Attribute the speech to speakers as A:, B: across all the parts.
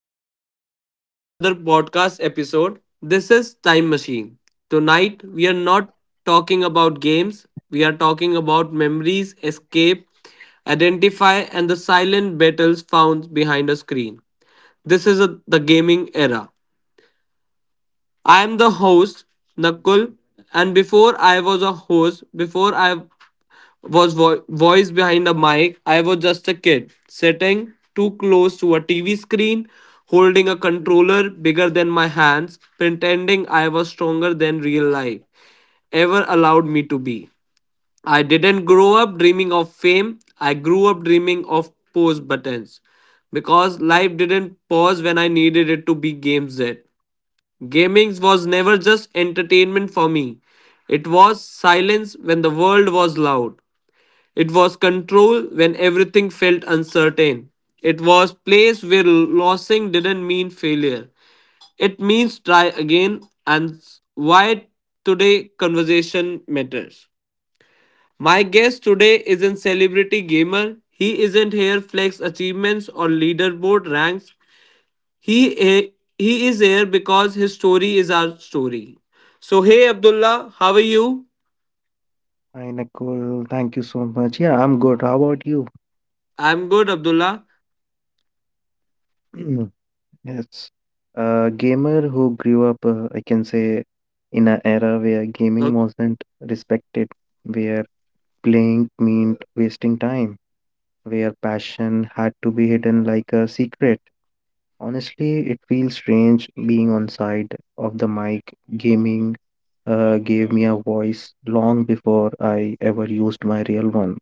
A: This isn't just another podcast episode, this is Time Machine. Tonight, we are not talking about games, we are talking about memories, escape, identify, and the silent battles found behind a screen. This is the gaming era. I am the host, Nakul, and before I was a host, before I was voice behind a mic, I was just a kid, sitting too close to a TV screen, holding a controller bigger than my hands, pretending I was stronger than real life ever allowed me to be. I didn't grow up dreaming of fame, I grew up dreaming of pause buttons because life didn't pause when I needed it to be Game Z. Gaming was never just entertainment for me. It was silence when the world was loud. It was control when everything felt uncertain. It was place where losing didn't mean failure. It means try again and why today conversation matters. My guest today isn't celebrity gamer. He isn't here flex achievements or leaderboard ranks. He he is here because his story is our story. So, hey Abdullah, how are you?
B: Hi, Nicole. Thank you so much. Yeah, I'm good. How about you?
A: I'm good, Abdullah.
B: Yes. A gamer who grew up, I can say, in an era where gaming
A: Ok-
B: wasn't respected, where playing meant wasting time, where passion had to be hidden like a secret. Honestly, it feels strange being on side of the mic. Gaming gave me a voice long before I ever used my real one.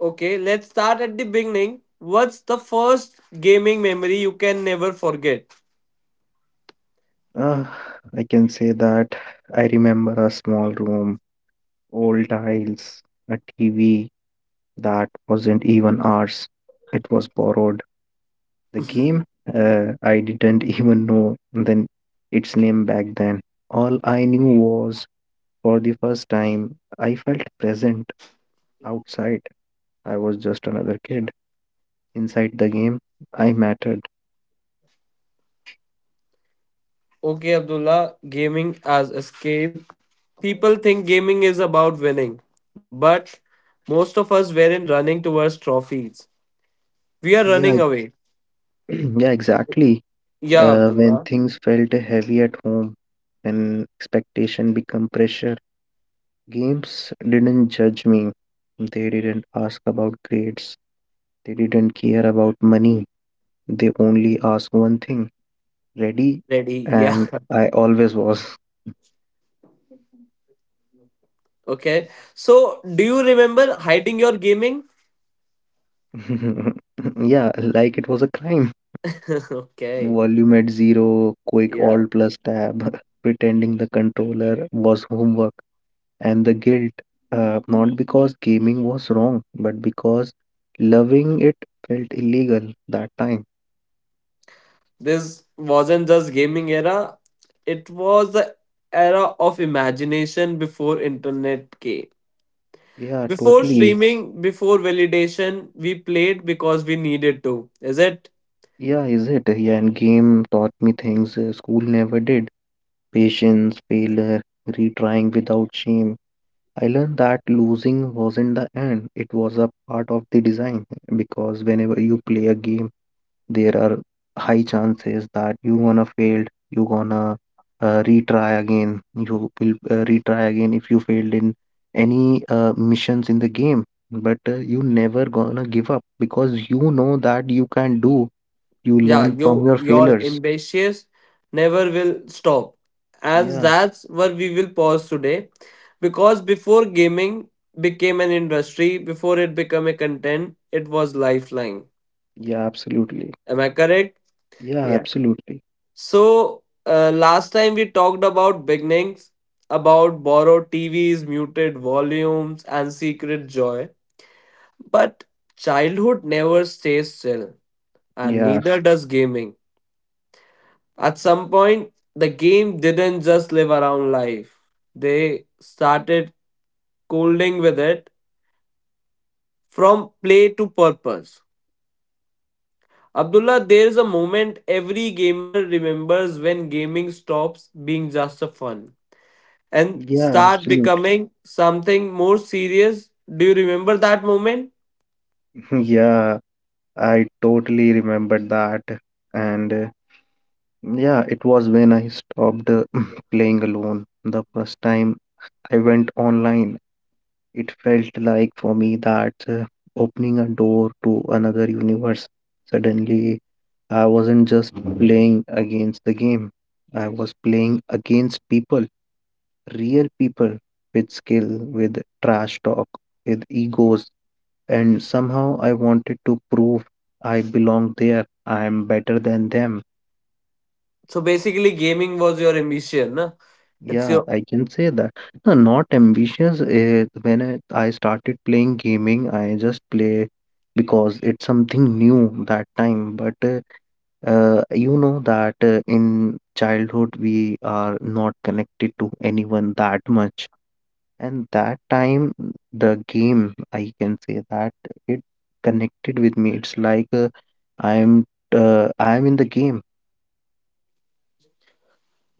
A: Okay, let's start at the beginning. What's the first gaming memory you can never forget?
B: Uh, I can say that I remember a small room, old tiles, a TV that wasn't even ours. It was borrowed. The game, I didn't even know then its name back then. All I knew was for the first time I felt present outside. I was just another kid. Inside the game, I mattered.
A: Okay, Abdullah, gaming as escape. People think gaming is about winning, but most of us weren't running towards trophies. We are
B: Yeah,
A: running
B: ex-
A: away.
B: yeah, exactly.
A: Yeah,
B: When
A: Abdullah.
B: things felt heavy at home, when expectation become pressure. Games didn't judge me, they didn't ask about grades, they didn't care about money, they only asked one thing ready,
A: Ready. Yeah.
B: and I always was.
A: Okay. So, do you remember hiding your gaming?
B: Yeah, like it was a crime.
A: Okay.
B: Volume at zero, quick
A: Yeah.
B: alt plus tab, pretending the controller was homework. And the guilt, not because gaming was wrong, but because loving it felt illegal that time.
A: This wasn't just gaming era. It was the era of imagination before internet came.
B: Yeah,
A: Before
B: totally.
A: streaming, before validation, we played because we needed to. Is it?
B: Yeah, is it? Yeah, and game taught me things school never did. Patience, failure, retrying without shame. I learned that losing wasn't the end, it was a part of the design because whenever you play a game, there are high chances that you gonna failed you gonna retry again you will retry again if you failed in any missions in the game, but you never gonna give up because you know that you can do you
A: Yeah,
B: learn
A: you
B: from your
A: your
B: failures.
A: ambitious never will stop, and
B: Yeah,
A: that's where we will pause today because before gaming became an industry, before it became a content, it was lifeline.
B: yeah, absolutely.
A: Am I correct?
B: Yeah,
A: Yeah.
B: absolutely.
A: So, last time we talked about beginnings, about borrowed TVs, muted volumes and secret joy, but childhood never stays still, and
B: Yeah,
A: neither does gaming. At some point, the game didn't just live around life, they started colding with it from play to purpose. Abdullah, there is a moment every gamer remembers when gaming stops being just a fun and
B: yeah,
A: start
B: absolutely.
A: becoming something more serious. Do you remember that moment?
B: Yeah, I totally remember that, and yeah, it was when I stopped playing alone. The first time I went online, it felt like for me that opening a door to another universe. Suddenly, I wasn't just playing against the game, I was playing against people, real people, with skill, with trash talk, with egos. And somehow I wanted to prove I belong there, I am better than them.
A: So basically, gaming was your ambition. Na? It's
B: Yeah,
A: your
B: I can say that. No, not ambitious. When I started playing gaming, I just play because it's something new that time. But you know that in childhood we are not connected to anyone that much, and that time the game, I can say that it connected with me. It's like I'm I'm in the game.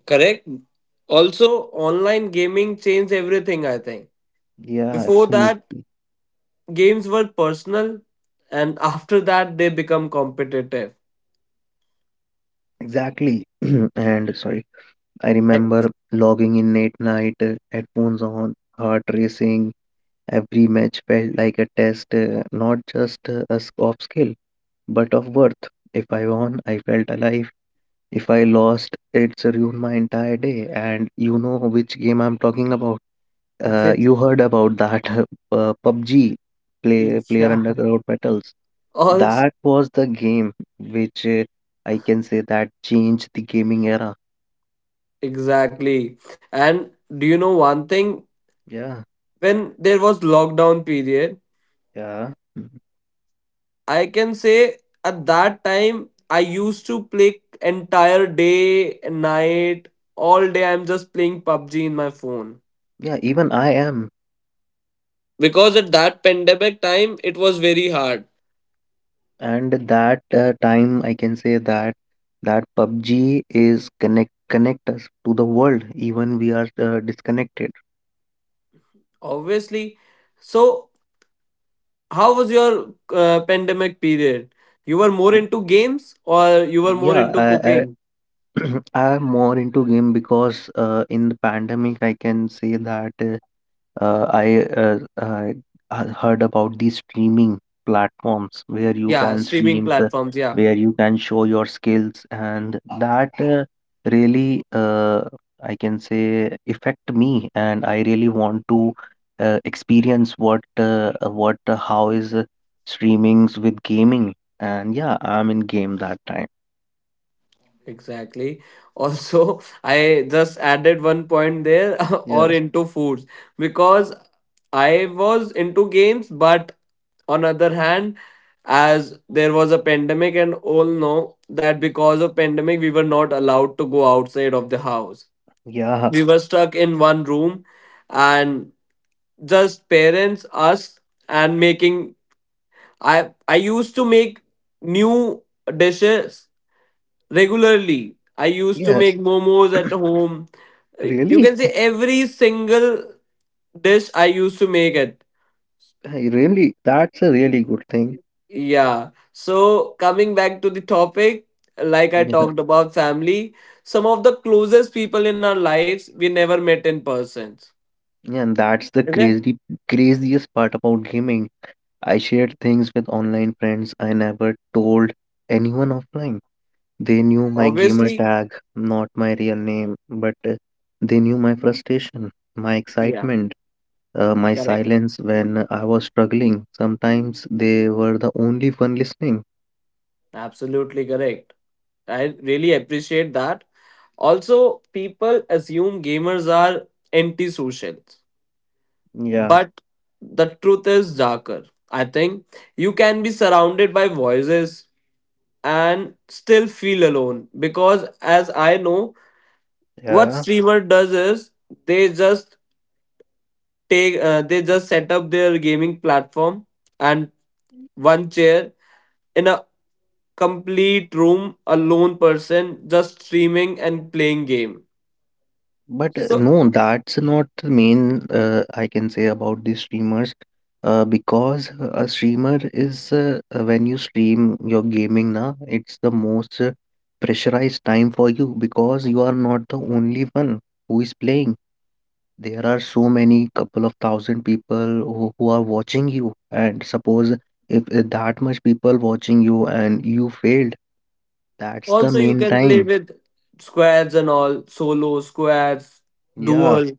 A: correct. Also, online gaming changed everything. I think
B: Yeah,
A: before that,
B: absolutely.
A: Games were personal, and after that, they become competitive.
B: Exactly. And sorry. I
A: Eh,
B: remember logging in late night, headphones on, heart racing. Every match felt like a test, not just a of skill, but of worth. If I won, I felt alive. If I lost, it's ruined my entire day. And you know which game I'm talking about. You
A: Which,
B: heard about that PUBG, play, Player
A: yeah,
B: Underground Battles.
A: also
B: That was the game which I can say that changed the gaming era.
A: exactly. And do you know one thing?
B: Yeah,
A: When there was lockdown period,
B: yeah. Hmm.
A: I can say at that time I used to play entire day, and night, all day. I'm just playing PUBG in my phone
B: Yeah, even I am.
A: because at that pandemic time it was very hard
B: And that time, I can say that that PUBG is connect us to the world, even we are disconnected.
A: obviously. So how was your pandemic period? You were more
B: Mm,
A: into games or you were more
B: yeah,
A: into
B: I
A: cooking?
B: I'm more into game because in the pandemic, I can say that I heard about these streaming platforms where you
A: Yeah,
B: can
A: streaming
B: stream,
A: platforms. Yeah,
B: where you can show your skills, and that really, uh, I can say, affect me, and I really want to experience what how is streamings with gaming, and yeah, I'm in game that time.
A: exactly. Also, I just added one point there or
B: Yeah,
A: into foods because I was into games, but on other hand, as there was a pandemic and all know that because of pandemic we were not allowed to go outside of the house.
B: yeah,
A: We were stuck in one room and just parents us and making I used to make new dishes regularly. I used to
B: yeah.
A: make momos at home. You
B: Really,
A: can say every single dish I used to make it.
B: I really, that's a really good thing.
A: Yeah, so coming back to the topic, like I talked about family, some of the closest people in our lives we never met in persons.
B: Yeah, and that's the
A: Okay.
B: crazy craziest part about gaming. I shared things with online friends I never told anyone offline. They knew my gamer
A: Obviously.
B: tag, not my real name, but they knew my frustration, my
A: Yeah.
B: excitement, my
A: Correct.
B: silence when I was struggling. Sometimes they were the only one listening.
A: Absolutely correct. I really appreciate that. Also, people assume gamers are antisocial,
B: Yeah,
A: but the truth is darker. I think you can be surrounded by voices and still feel alone because, as I know, what
B: yeah.
A: streamer does is they just take they just set up their gaming platform and one chair in a complete room alone person just streaming and playing game.
B: But
A: So
B: no, that's not the main I can say about the streamers because a streamer is when you stream your gaming now, it's the most pressurized time for you because you are not the only one who is playing. There are so many couple of thousand people who are watching you, and suppose if that much people watching you and you failed, that's the
A: also you
B: main
A: can play
B: time.
A: with squads and all solo squads,
B: Yeah.
A: dual,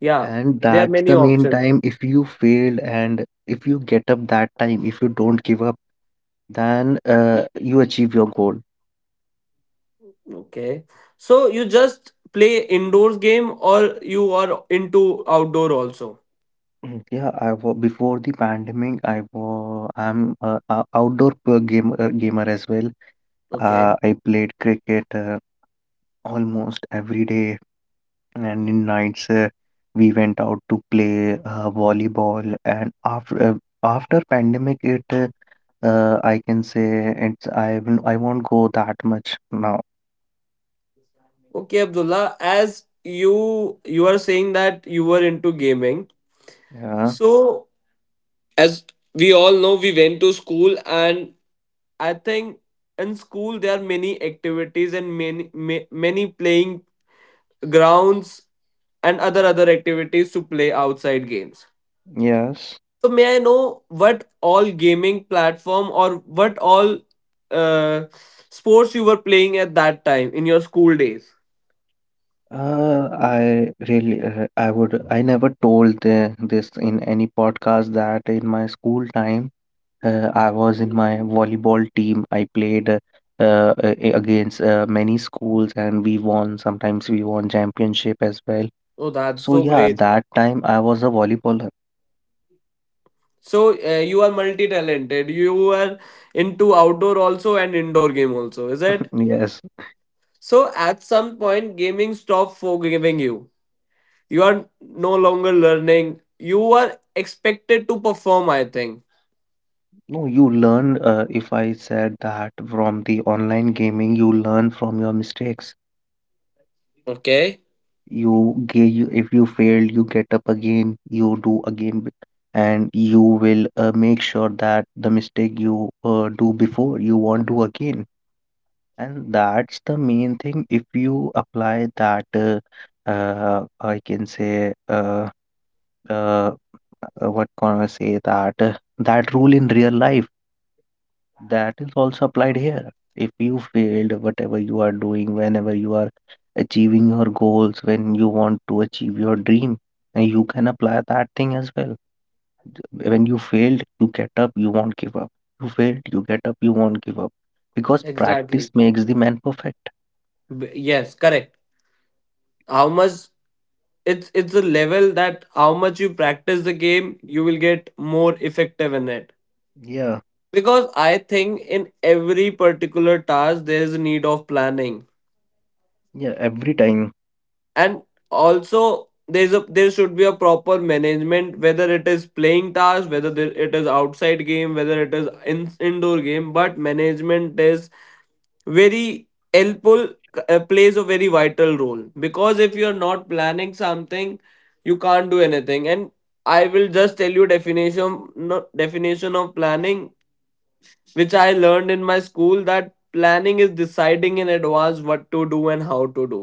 A: yeah,
B: And
A: there are
B: that's
A: many
B: the main
A: options.
B: time. If you fail and if you get up that time, if you don't give up, then you achieve your goal.
A: Okay, so you just play indoors game or you are into outdoor also?
B: Mm, yeah, I was before the pandemic. I'm a outdoor gamer as well.
A: Okay.
B: I played cricket almost every day, and in nights we went out to play volleyball. And after pandemic, it I can say it's I won't go that much now.
A: Okay, Abdullah, as you you are saying that you were into gaming,
B: Yeah,
A: so as we all know we went to school, and I think in school there are many activities and many many playing grounds and other activities to play outside games.
B: yes.
A: So may I know what all gaming platform or what all uh, sports you were playing at that time in your school days?
B: I really, I would, I never told the, this in any podcast that in my school time, I was in my volleyball team. I played against many schools and we won. Sometimes we won championship as well.
A: Oh, that's
B: So
A: so
B: yeah,
A: great.
B: that time I was a volleyballer.
A: So you are multi-talented. You are into outdoor also and indoor game also, is it?
B: Yes.
A: So at some point gaming stopped forgiving you, you are no longer learning, you are expected to perform, I think.
B: No, you learn, if I said that from the online gaming, you learn from your mistakes.
A: Okay.
B: You get you if you fail you get up again you do again and you will make sure that the mistake you do before you won't do again, and that's the main thing. If you apply that I can say uh, what can I say that that rule in real life, that is also applied here. If you failed, whatever you are doing, whenever you are achieving your goals, when you want to achieve your dream, and you can apply that thing as well. When you failed, you get up, you won't give up. You failed, you get up, you won't give up. Because practice
A: Exactly.
B: makes the man perfect.
A: Yes, correct. How much, it's a level that how much you practice the game you will get more effective in it
B: Yeah,
A: because I think in every particular task there is a need of planning,
B: yeah, every time.
A: and also there's a there should be a proper management whether it is playing task it is outside game whether it is indoor game, but management is very helpful, plays a very vital role because if you're not planning something you can't do anything, and I will just tell you definition no, definition of planning which I learned in my school, that planning is deciding in advance what to do and how to do.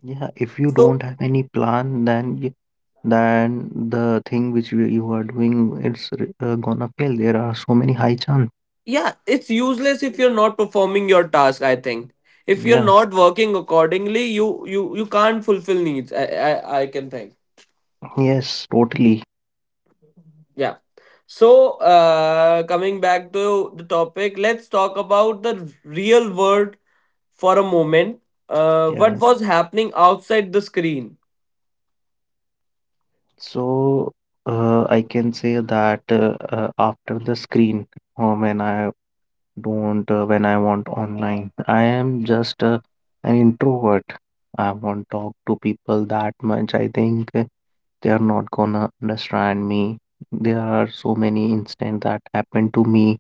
B: Yeah, if you don't
A: So
B: have any plan, then you, then the thing which you are doing, it's gonna fail. There are so many high chance.
A: yeah, it's useless if you're not performing your task, I think. If you're
B: Yeah.
A: not working accordingly, you can't fulfill needs. I can think.
B: Yes, totally.
A: Yeah. So, coming back to the topic, let's talk about the real world for a moment.
B: Yeah.
A: What was happening outside the screen?
B: So I can say that after the screen, when I don't, when I want online, I am just an introvert. I won't talk to people that much. I think they are not gonna understand me. There are so many incidents that happened to me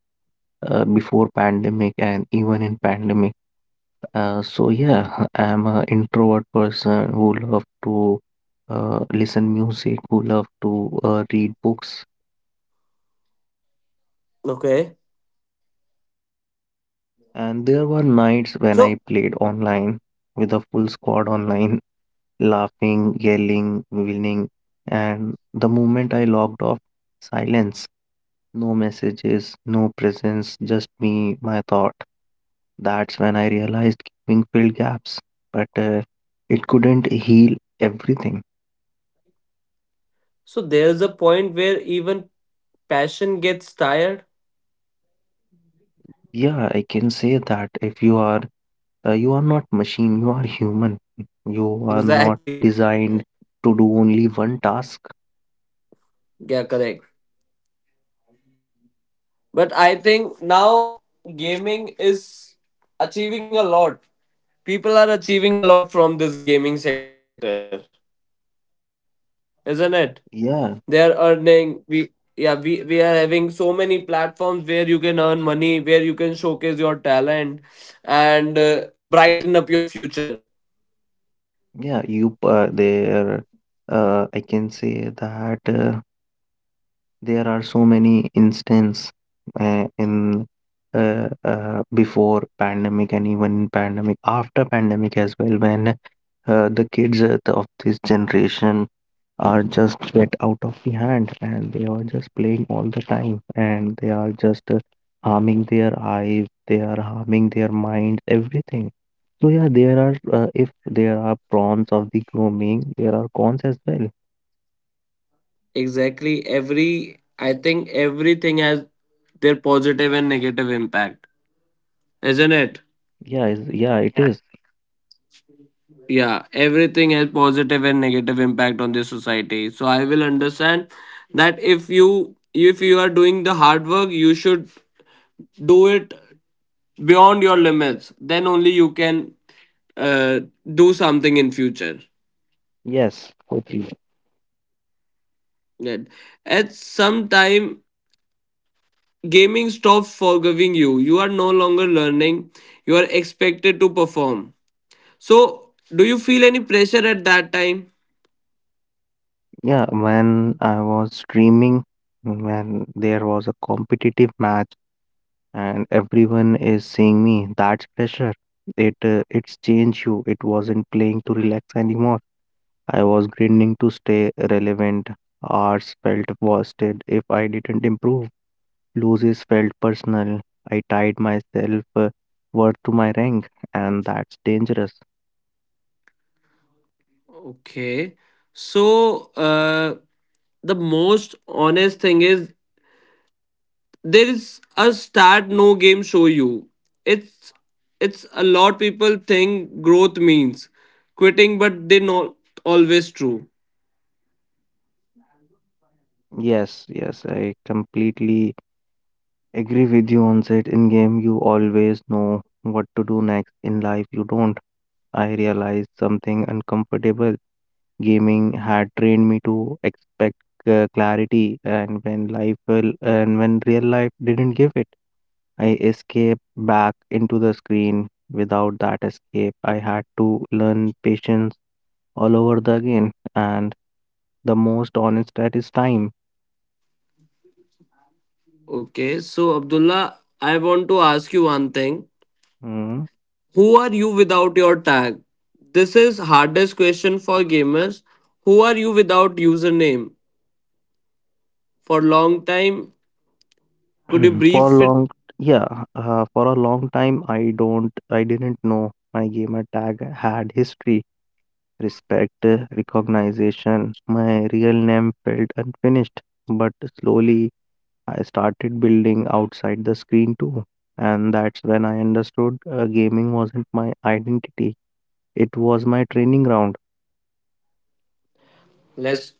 B: before pandemic and even in pandemic. So yeah, I'm an introvert person who love to listen music, who love to read books.
A: Okay.
B: And there were
A: So,
B: nights when I played online with a full squad online, laughing, yelling, winning. And the moment I logged off, silence, no messages, no presence, just me, my thought. That's when I realized gaming filled gaps, but it couldn't heal everything.
A: so there's a point where even passion gets tired.
B: Yeah, I can say that if you are you are not machine, you are human. You are not
A: Exactly.
B: designed to do only one task.
A: Yeah, correct. But I think now gaming is achieving a lot. People are achieving a lot from this gaming sector, isn't it?
B: Yeah,
A: They are earning we yeah, we are having so many platforms where you can earn money, where you can showcase your talent and brighten up your future.
B: yeah. You there. I can say that there are so many instances in before pandemic and even in pandemic after pandemic as well when the kids of this generation are just get out of the hand and they are just playing all the time and they are just harming their eyes they are harming their minds everything. So yeah, there are if there are prawns of the grooming there are cons as well.
A: Exactly. Every I think everything has their positive and negative impact, isn't it?
B: Yeah, is. Yeah, it is.
A: Yeah, everything has positive and negative impact on the society, so I will understand that if you are doing the hard work you should do it beyond your limits, then only you can uh, do something in future.
B: Yes, totally.
A: That at some time gaming stops forgiving you, you are no longer learning, you are expected to perform, so do you feel any pressure at that time?
B: Yeah, when I was streaming, when there was a competitive match and everyone is seeing me, that's pressure. It's changed you, it wasn't playing to relax anymore. I was grinding to stay relevant. Hours felt wasted if I didn't improve. Losses felt personal. I tied myself worth to my rank, and that's dangerous.
A: Okay, so uh, the most honest thing is there is a start no game show you, it's it's a lot. People think growth means quitting, but they not always true.
B: Yes, yes, I completely agree with you on that. In game, you always know what to do next. In life, you don't. I realized something uncomfortable. Gaming had trained me to expect clarity, and when real life didn't give it. I escaped back into the screen. Without that escape, I had to learn patience all over the again. And the most honest at is time.
A: Okay, so Abdullah, I want to ask you one thing.
B: Mm.
A: Who are you without your tag? This is hardest question for gamers. Who are you without username for long time? Could you
B: for
A: brief it?
B: long, yeah, for a long time, I didn't know my gamer tag had history, respect, recognition. My real name felt unfinished, but slowly I started building outside the screen too. And that's when I understood gaming wasn't my identity, it was my training ground.
A: Let's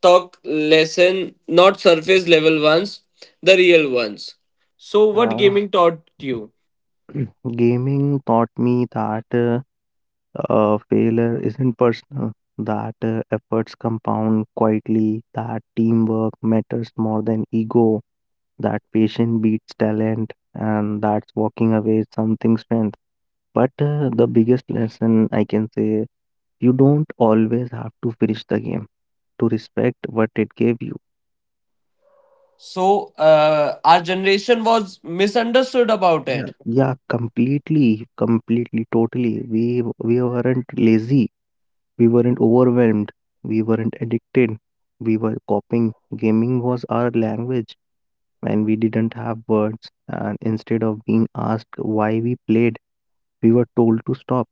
A: talk lesson, not surface level ones, the real ones. So, what
B: Uh,
A: gaming taught you?
B: gaming taught me that failure isn't personal, that efforts compound quietly, that teamwork matters more than ego, that patience beats talent, and that's walking away is something strength. But the biggest lesson I can say you don't always have to finish the game to respect what it gave you.
A: So, our generation was misunderstood about
B: Yeah,
A: it,
B: yeah, completely, completely, totally. We weren't lazy. We weren't overwhelmed. We weren't addicted. We were coping. Gaming was our language, and we didn't have words. And instead of being asked why we played, we were told to stop.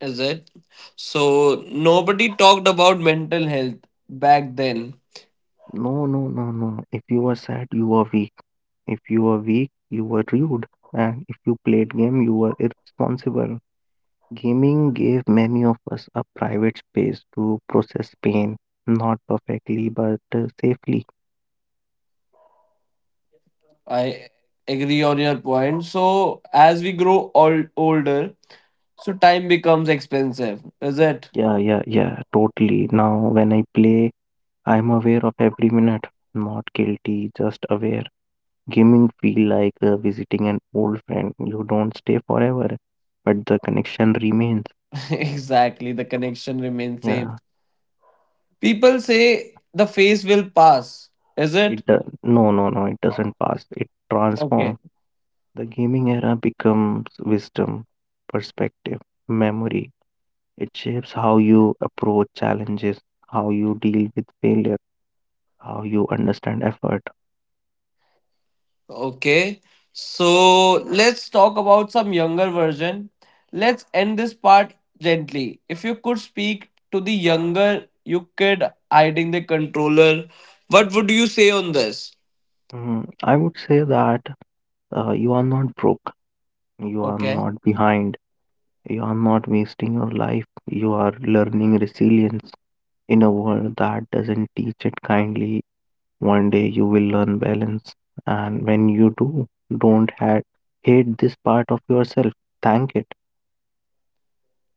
A: is it? So, nobody talked about mental health back then.
B: No, no, no, no. If you were sad, you were weak. If you were weak, you were rude. And if you played game, you were irresponsible. Gaming gave many of us a private space to process pain, not perfectly, but safely.
A: I agree on your point. So, as we grow older, so time becomes expensive, is it?
B: Yeah, yeah, yeah, totally. Now, when I play, I'm aware of every minute, not guilty, just aware. Gaming feel like visiting an old friend. You don't stay forever, but the connection remains.
A: Exactly, the connection remains same.
B: Yeah,
A: People say the face will pass, is it?
B: no, no, no, it doesn't pass. It
A: Okay.
B: transform. The gaming era becomes wisdom, perspective, memory. It shapes how you approach challenges, how you deal with failure, how you understand effort.
A: Okay. So let's talk about some younger version. Let's end this part gently. If you could speak to the younger you kid hiding the controller, what would you say on this?
B: I would say that you are not broke, you are
A: Okay.
B: not behind, you are not wasting your life, you are learning resilience in a world that doesn't teach it kindly. One day you will learn balance, and when you do, don't hate this part of yourself, thank it.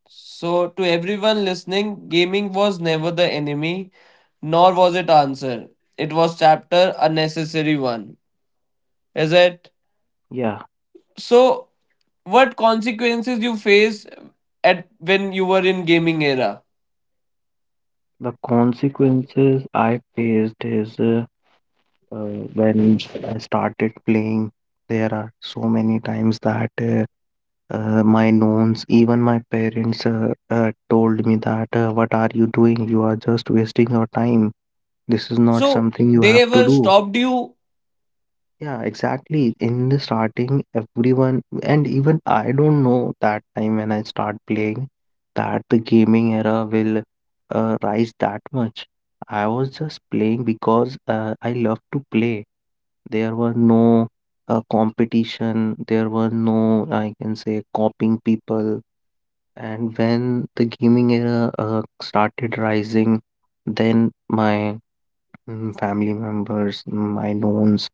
A: So to everyone listening, gaming was never the enemy, nor was it answer. It was chapter a necessary one. Is it?
B: Yeah,
A: So what consequences you faced at when you were in gaming era?
B: the consequences I faced is. When I started playing, there are so many times that my knowns, even my parents, told me that, what are you doing? You are just wasting your time. This is not
A: So
B: something you
A: they
B: have to
A: ever
B: do.
A: stopped you?
B: Yeah, exactly. In the starting, everyone, and even I don't know that time when I start playing, that the gaming era will rise that much. I was just playing because I love to play. There were no competition, there were no, I can say, copying people. And when the gaming era started rising, then my family members, my knowns,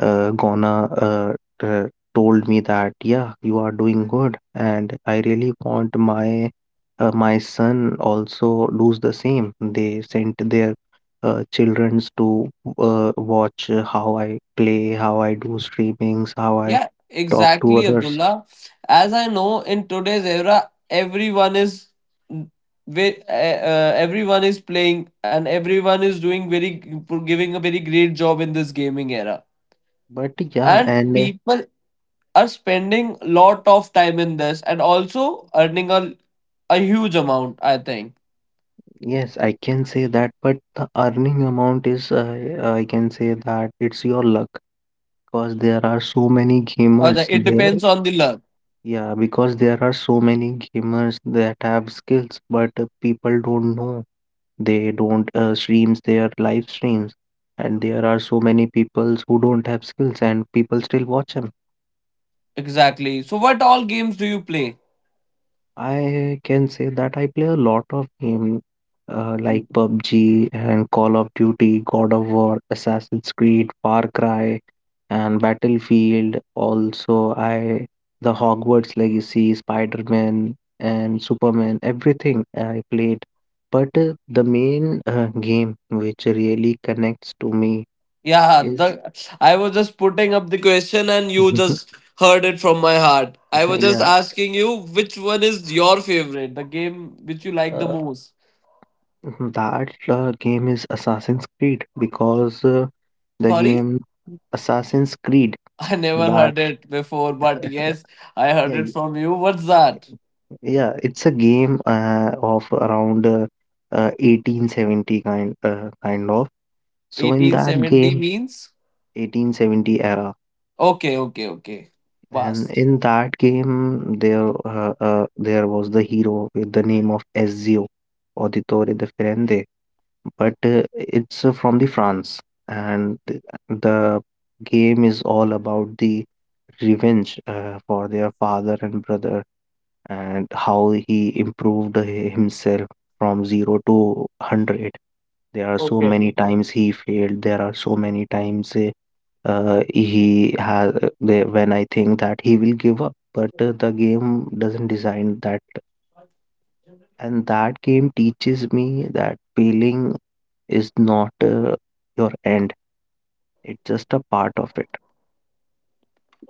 B: Gonna uh, told me that yeah, you are doing good, and I really want my son also does the same. They sent their childrens to watch how I play, how I do streamings, how I
A: Yeah,
B: talk to
A: exactly,
B: others.
A: Abdullah. As I know, in today's era, everyone is ve- uh, everyone is playing and everyone is doing very giving a very great job in this gaming era.
B: But yeah,
A: And
B: and
A: people are spending lot of time in this and also earning a huge amount, I think.
B: yes, I can say that. But the earning amount is I can say that it's your luck because there are so many
A: Or
B: gamers
A: it
B: there.
A: depends on the luck.
B: Yeah, because there are so many gamers that have skills but people don't know, they don't streams their live streams, and there are so many peoples who don't have skills and people still watch them.
A: Exactly. So what all games do you play?
B: I can say that I play a lot of game like PUBG and Call of Duty, God of War, Assassin's Creed, Far Cry, and Battlefield. Also, I the Hogwarts Legacy, Spider-Man, and Superman, everything I played. But the main game which really connects to me
A: Yeah,
B: is
A: the I was just putting up the question and you just heard it from my heart. I was just
B: yeah,
A: asking you which one is your favorite, the game which you like the
B: uh,
A: most.
B: that game is Assassin's Creed because the
A: Sorry,
B: game Assassin's Creed
A: I never
B: that
A: heard it before, but yes, I heard
B: yeah
A: it
B: y-
A: from you. What's that?
B: yeah, it's a game of around 1870 kind of, so in that
A: 1870
B: game.
A: means?
B: 1870 era,
A: Okay, okay, okay.
B: and
A: Past.
B: in that game there there was the hero with the name of Ezio Auditore de Firenze, but it's from the France, and the game is all about the revenge for their father and brother, and how he improved himself from 0 to 100. There are so
A: Okay.
B: many times he failed. There are so many times he has they, when I think that he will give up, but the game doesn't design that, and that game teaches me that failing is not your end, it's just a part of it.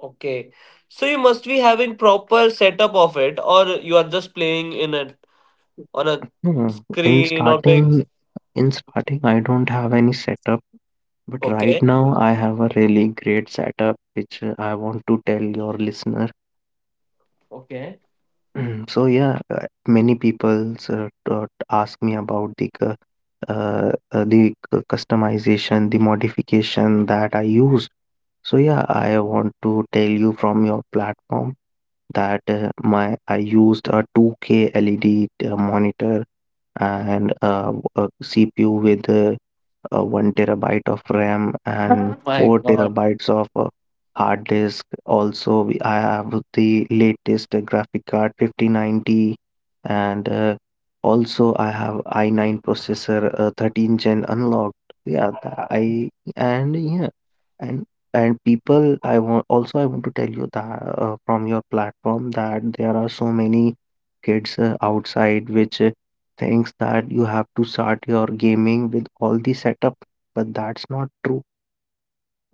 A: Okay. So you must be having proper setup of it, or you are just playing in it on a
B: No, in
A: screen or big.
B: starting, I don't have any setup, but right
A: Okay.
B: now I have a really great setup which I want to tell your listener.
A: Okay.
B: So yeah, many people ask me about the customization, the modification that I used. So yeah, I want to tell you from your platform that my I used a 2K LED monitor and a CPU with 1 terabyte of RAM and
A: Oh my
B: 4
A: God.
B: terabytes of hard disk. Also, I have the latest graphic card 5090, and also I have i9 processor 13 gen unlocked. Yeah, tha- I and yeah, and and people, I want to tell you that from your platform, that there are so many kids outside which thinks that you have to start your gaming with all the setup, but that's not true.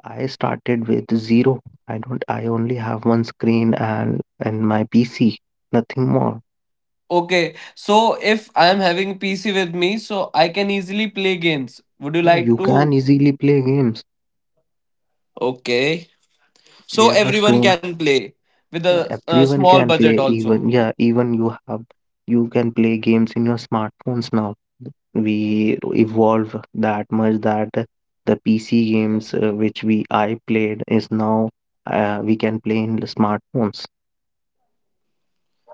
B: I started with zero. I don't i only have one screen and my PC, nothing more.
A: Okay, so if I'm having PC with me, so I can easily play games. Would you
B: Yeah, you
A: like
B: can
A: to?
B: easily play games.
A: Okay. So
B: There are
A: everyone
B: so
A: can play with
B: Yeah,
A: a,
B: everyone
A: small
B: can
A: budget
B: play,
A: also.
B: even yeah, even you can play games in your smartphones now. We evolve that much that the PC games which we I played is now we can play in the smartphones.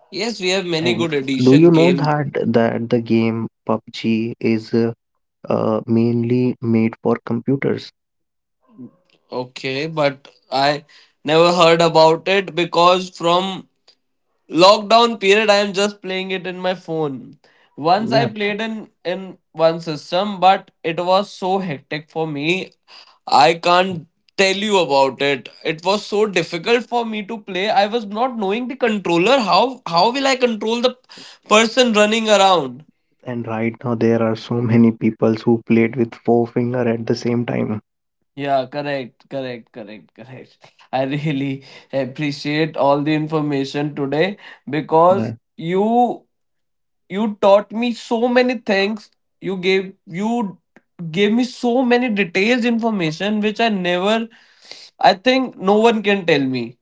A: Yes, we have many
B: And
A: good
B: do
A: edition
B: you know
A: games.
B: that the game PUBG is mainly made for computers?
A: Okay, but I never heard about it because from lockdown period, I am just playing it in my phone. Once I
B: Yeah,
A: played in one system, but it was so hectic for me. I can't tell you about it. It was so difficult for me to play. I was not knowing the controller. How will I control the person running around?
B: and right now there are so many people who played with four finger at the same time.
A: Yeah, correct, correct, correct, correct. I really appreciate all the information today
B: Yeah,
A: because you taught me so many things, you gave me so many details information which I never, I think no one can tell me.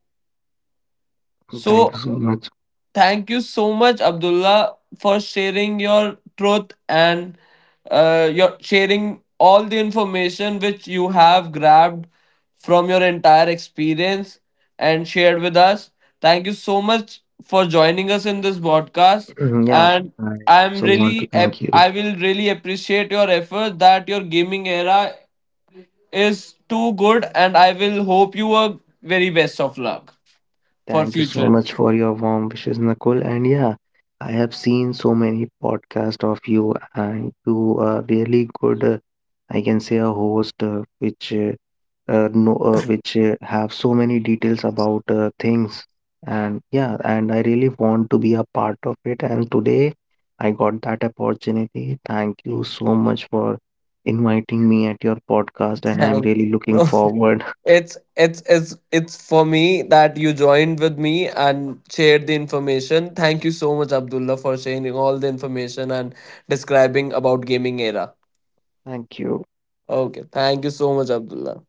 B: thank you
A: So
B: so much.
A: thank you so much, Abdullah, for sharing your truth and your sharing all the information which you have grabbed from your entire experience and shared with us. Thank you so much for joining us in this podcast,
B: Mhm. Yeah,
A: and
B: I
A: I'm
B: also want to thank you.
A: I will really appreciate your effort that your gaming era is too good, and I will hope you a very best of luck for
B: Thank you so
A: future.
B: much for your warm wishes, Nakul. And yeah, I have seen so many podcasts of you, and you are really good. I can say a host which no which have so many details about things. And yeah, and I really want to be a part of it. And today I got that opportunity. Thank you so much for inviting me at your podcast, and I'm
A: Thank
B: really looking
A: no.
B: forward.
A: It's for me that you joined with me and shared the information. Thank you so much, Abdullah, for sharing all the information and describing about gaming era.
B: Thank you.
A: Okay, thank you so much, Abdullah.